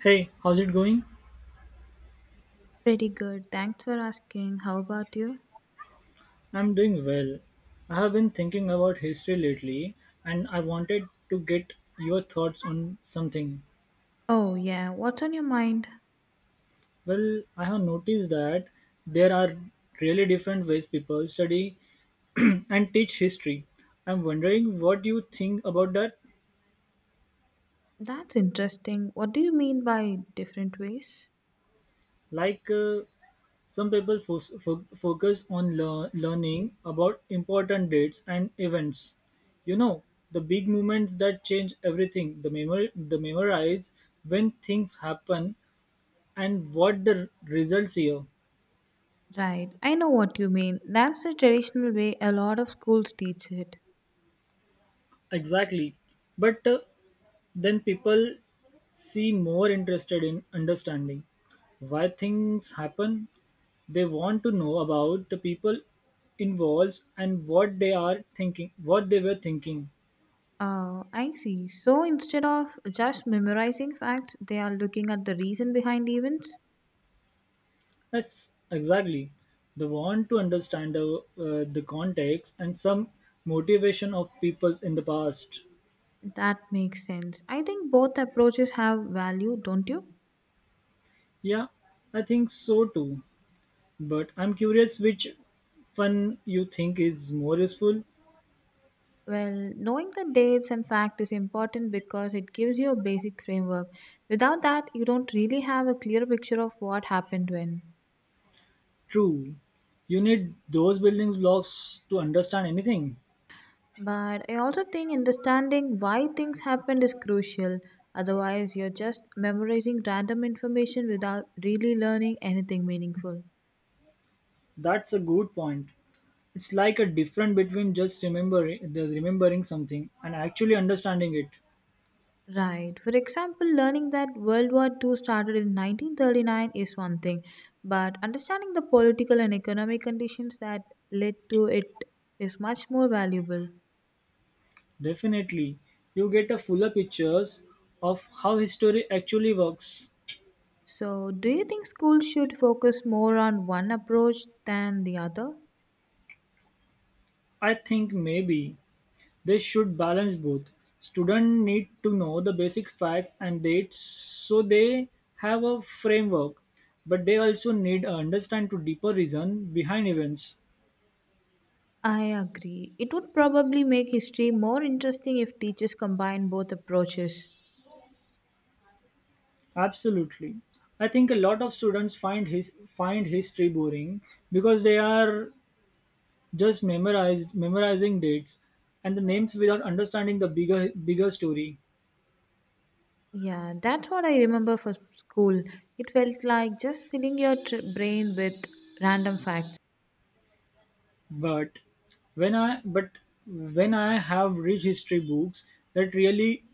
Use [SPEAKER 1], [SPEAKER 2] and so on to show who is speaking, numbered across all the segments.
[SPEAKER 1] Hey, how's it going?
[SPEAKER 2] Pretty good. Thanks for asking. How about you?
[SPEAKER 1] I'm doing well. I have been thinking about history lately and I wanted to get your thoughts on something.
[SPEAKER 2] Oh, yeah. What's on your mind?
[SPEAKER 1] Well, I have noticed that there are really different ways people study and teach history. I'm wondering what you think about that.
[SPEAKER 2] That's interesting. What do you mean by different ways?
[SPEAKER 1] Like, uh, Some people focus on learning about important dates and events. You know, the big moments that change everything, the, the memorize when things happen and what the results here.
[SPEAKER 2] Right. I know what you mean. That's the traditional way a lot of schools teach it.
[SPEAKER 1] Exactly. But then people seem more interested in understanding why things happen. They want to know about the people involved and what they were thinking.
[SPEAKER 2] Oh, I see. So instead of just memorizing facts, they are looking at the reason behind events?
[SPEAKER 1] Yes, exactly. The want to understand the context and some motivation of people in the past.
[SPEAKER 2] That makes sense. I think both approaches have value, don't you?
[SPEAKER 1] Yeah, I think so too. But I'm curious which one you think is more useful.
[SPEAKER 2] Well, knowing the dates and fact is important because it gives you a basic framework. Without that, you don't really have a clear picture of what happened when.
[SPEAKER 1] True, you need those building blocks to understand anything.
[SPEAKER 2] But I also think understanding why things happened is crucial. Otherwise, you're just memorizing random information without really learning anything meaningful.
[SPEAKER 1] That's a good point. It's like a difference between just remembering the remembering something and actually understanding it.
[SPEAKER 2] Right. For example, learning that World War Two started in 1939 is one thing, but understanding the political and economic conditions that led to it is much more valuable.
[SPEAKER 1] Definitely, you get a fuller pictures of how history actually works.
[SPEAKER 2] So, do you think schools should focus more on one approach than the other?
[SPEAKER 1] I think maybe they should balance both. Students need to know the basic facts and dates so they have a framework, but they also need to understand to deeper reason behind events.
[SPEAKER 2] I agree. It would probably make history more interesting if teachers combine both approaches.
[SPEAKER 1] Absolutely. I think a lot of students find history boring because they are just memorized memorizing dates and the names without understanding the bigger story.
[SPEAKER 2] Yeah, that's what I remember for school. It felt like just filling your brain with random facts.
[SPEAKER 1] But but when I have read history books that really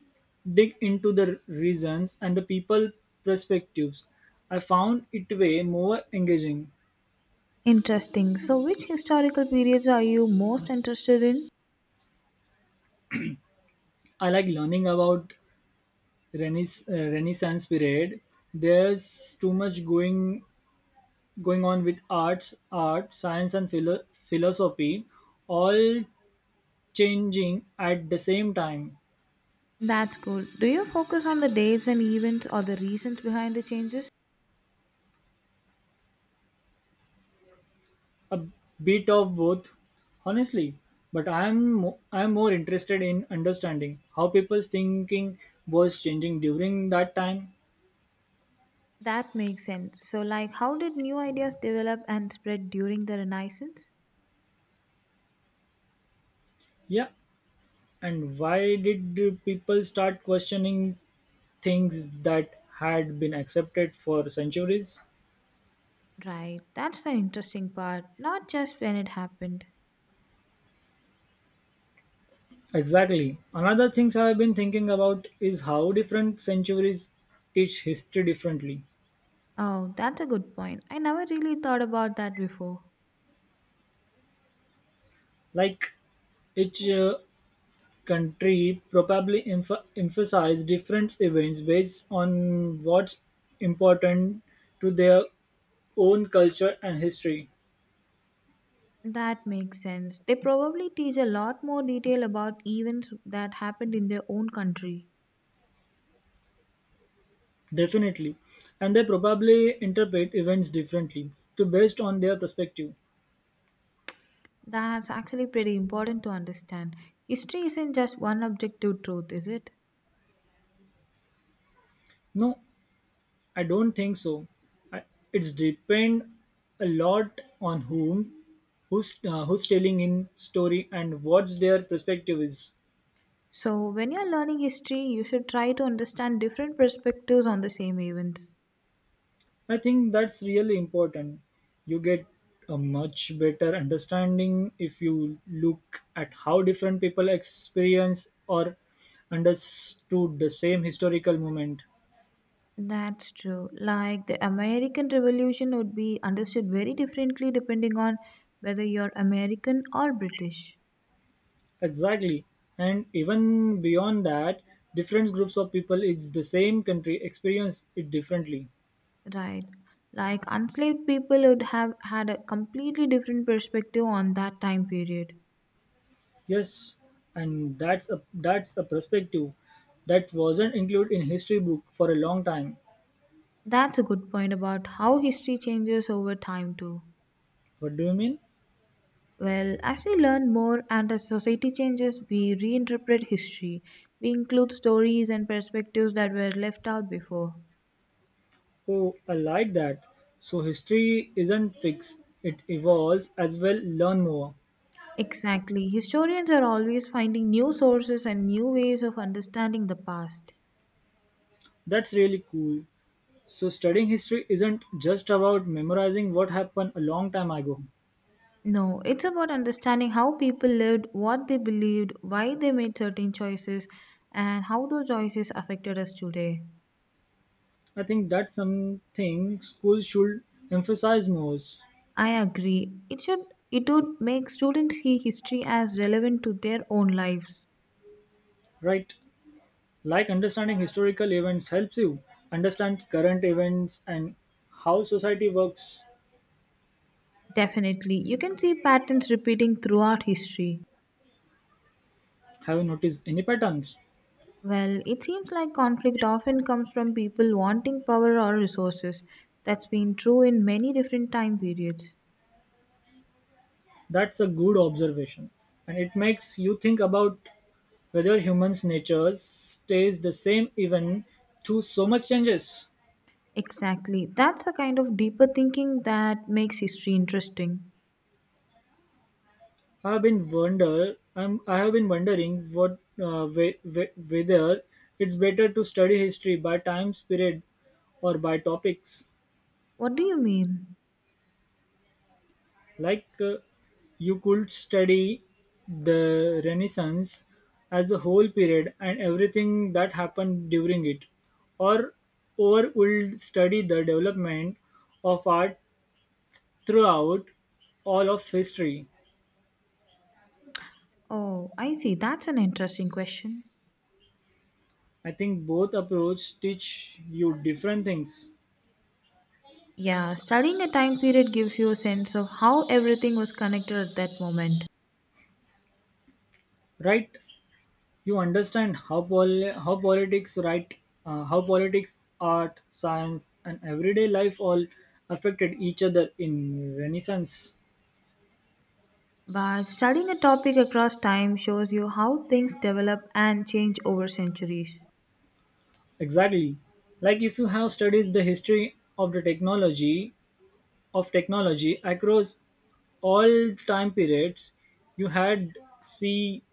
[SPEAKER 1] dig into the reasons and the people perspectives, I found it way more engaging.
[SPEAKER 2] Interesting. So, which historical periods are you most interested in?
[SPEAKER 1] I like learning about Renaissance, Renaissance period. There's too much going on with arts, art, science, and philosophy, all changing at the same time.
[SPEAKER 2] That's cool. Do you focus on the dates and events or the reasons behind the changes?
[SPEAKER 1] A bit of both, honestly, but I'm more interested in understanding how people's thinking was changing during that time.
[SPEAKER 2] That makes sense. So, like, how did new ideas develop and spread during the Renaissance?
[SPEAKER 1] Yeah, and why did people start questioning things that had been accepted for centuries?
[SPEAKER 2] Right, that's the interesting part, not just when it happened.
[SPEAKER 1] Exactly. Another things I've been thinking about is how different centuries teach history differently.
[SPEAKER 2] Oh, that's a good point. I never really thought about that before.
[SPEAKER 1] Like each country probably emphasize different events based on what's important to their own culture and history.
[SPEAKER 2] That makes sense. They probably teach a lot more detail about events that happened in their own country.
[SPEAKER 1] Definitely. And they probably interpret events differently to based on their perspective.
[SPEAKER 2] That's actually pretty important to understand. History isn't just one objective truth, is it?
[SPEAKER 1] No, I don't think so. I- It's depend a lot on who's who's telling in story and what's their perspective is.
[SPEAKER 2] So, when you're learning history, you should try to understand different perspectives on the same events.
[SPEAKER 1] I think that's really important. You get a much better understanding if you look at how different people experience or understood the same historical moment.
[SPEAKER 2] That's true. Like the American Revolution would be understood very differently depending on whether you're American or British.
[SPEAKER 1] Exactly. And even beyond that, different groups of people in the same country experience it differently.
[SPEAKER 2] Right. Like enslaved people would have had a completely different perspective on that time period.
[SPEAKER 1] Yes, and that's a perspective that wasn't included in history book for a long time.
[SPEAKER 2] That's a good point about how history changes over time, too.
[SPEAKER 1] What do you mean?
[SPEAKER 2] Well, as we learn more and as society changes, we reinterpret history. We include stories and perspectives that were left out before.
[SPEAKER 1] Oh, I like that. So history isn't fixed, it evolves as well, learn more.
[SPEAKER 2] Exactly. Historians are always finding new sources and new ways of understanding the past.
[SPEAKER 1] That's really cool. So studying history isn't just about memorizing what happened a long time ago.
[SPEAKER 2] No, it's about understanding how people lived, what they believed, why they made certain choices, and how those choices affected us today.
[SPEAKER 1] I think that's something schools should emphasize more,
[SPEAKER 2] I agree. It would make students see history as relevant to their own lives.
[SPEAKER 1] right? Like understanding historical events helps you understand current events and how society works.
[SPEAKER 2] Definitely. You can see patterns repeating throughout history.
[SPEAKER 1] Have you noticed any patterns?
[SPEAKER 2] Well, it seems like conflict often comes from people wanting power or resources. That's been true in many different time periods.
[SPEAKER 1] That's a good observation, and it makes you think about whether humans' nature stays the same even through so much changes.
[SPEAKER 2] Exactly. That's the kind of deeper thinking that makes history interesting.
[SPEAKER 1] I have been wondering what whether it's better to study history by time period or by topics.
[SPEAKER 2] What do you mean?
[SPEAKER 1] Like you could study the Renaissance as a whole period and everything that happened during it, or would study the development of art throughout all of history.
[SPEAKER 2] Oh, I see. That's an interesting question.
[SPEAKER 1] I think both approach teach you different things,
[SPEAKER 2] Yeah, studying a time period gives you a sense of how everything was connected at that moment.
[SPEAKER 1] right? You understand how how politics, right? How politics, art, science, and everyday life all affected each other in Renaissance.
[SPEAKER 2] But studying a topic across time shows you how things develop and change over centuries.
[SPEAKER 1] Exactly. Like if you have studied the history of the technology of technology across all time periods, you had see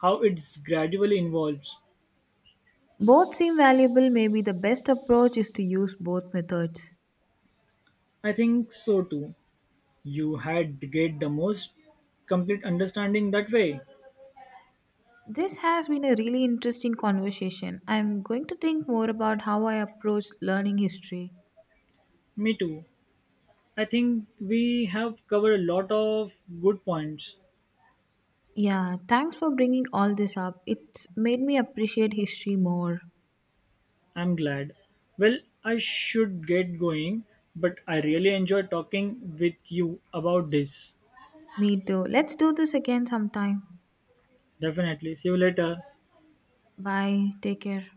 [SPEAKER 1] how it's gradually evolves.
[SPEAKER 2] Both seem valuable, maybe the best approach is to use both methods.
[SPEAKER 1] I think so too. You had get the most complete understanding that way.
[SPEAKER 2] This has been a really interesting conversation. I'm going to think more about how I approach learning history.
[SPEAKER 1] Me too. I think we have covered a lot of good points.
[SPEAKER 2] Yeah, thanks for bringing all this up. It's made me appreciate history more.
[SPEAKER 1] I'm glad. Well, I should get going, but I really enjoyed talking with you about this.
[SPEAKER 2] Me too. Let's do this again sometime.
[SPEAKER 1] Definitely. See you later.
[SPEAKER 2] Bye. Take care.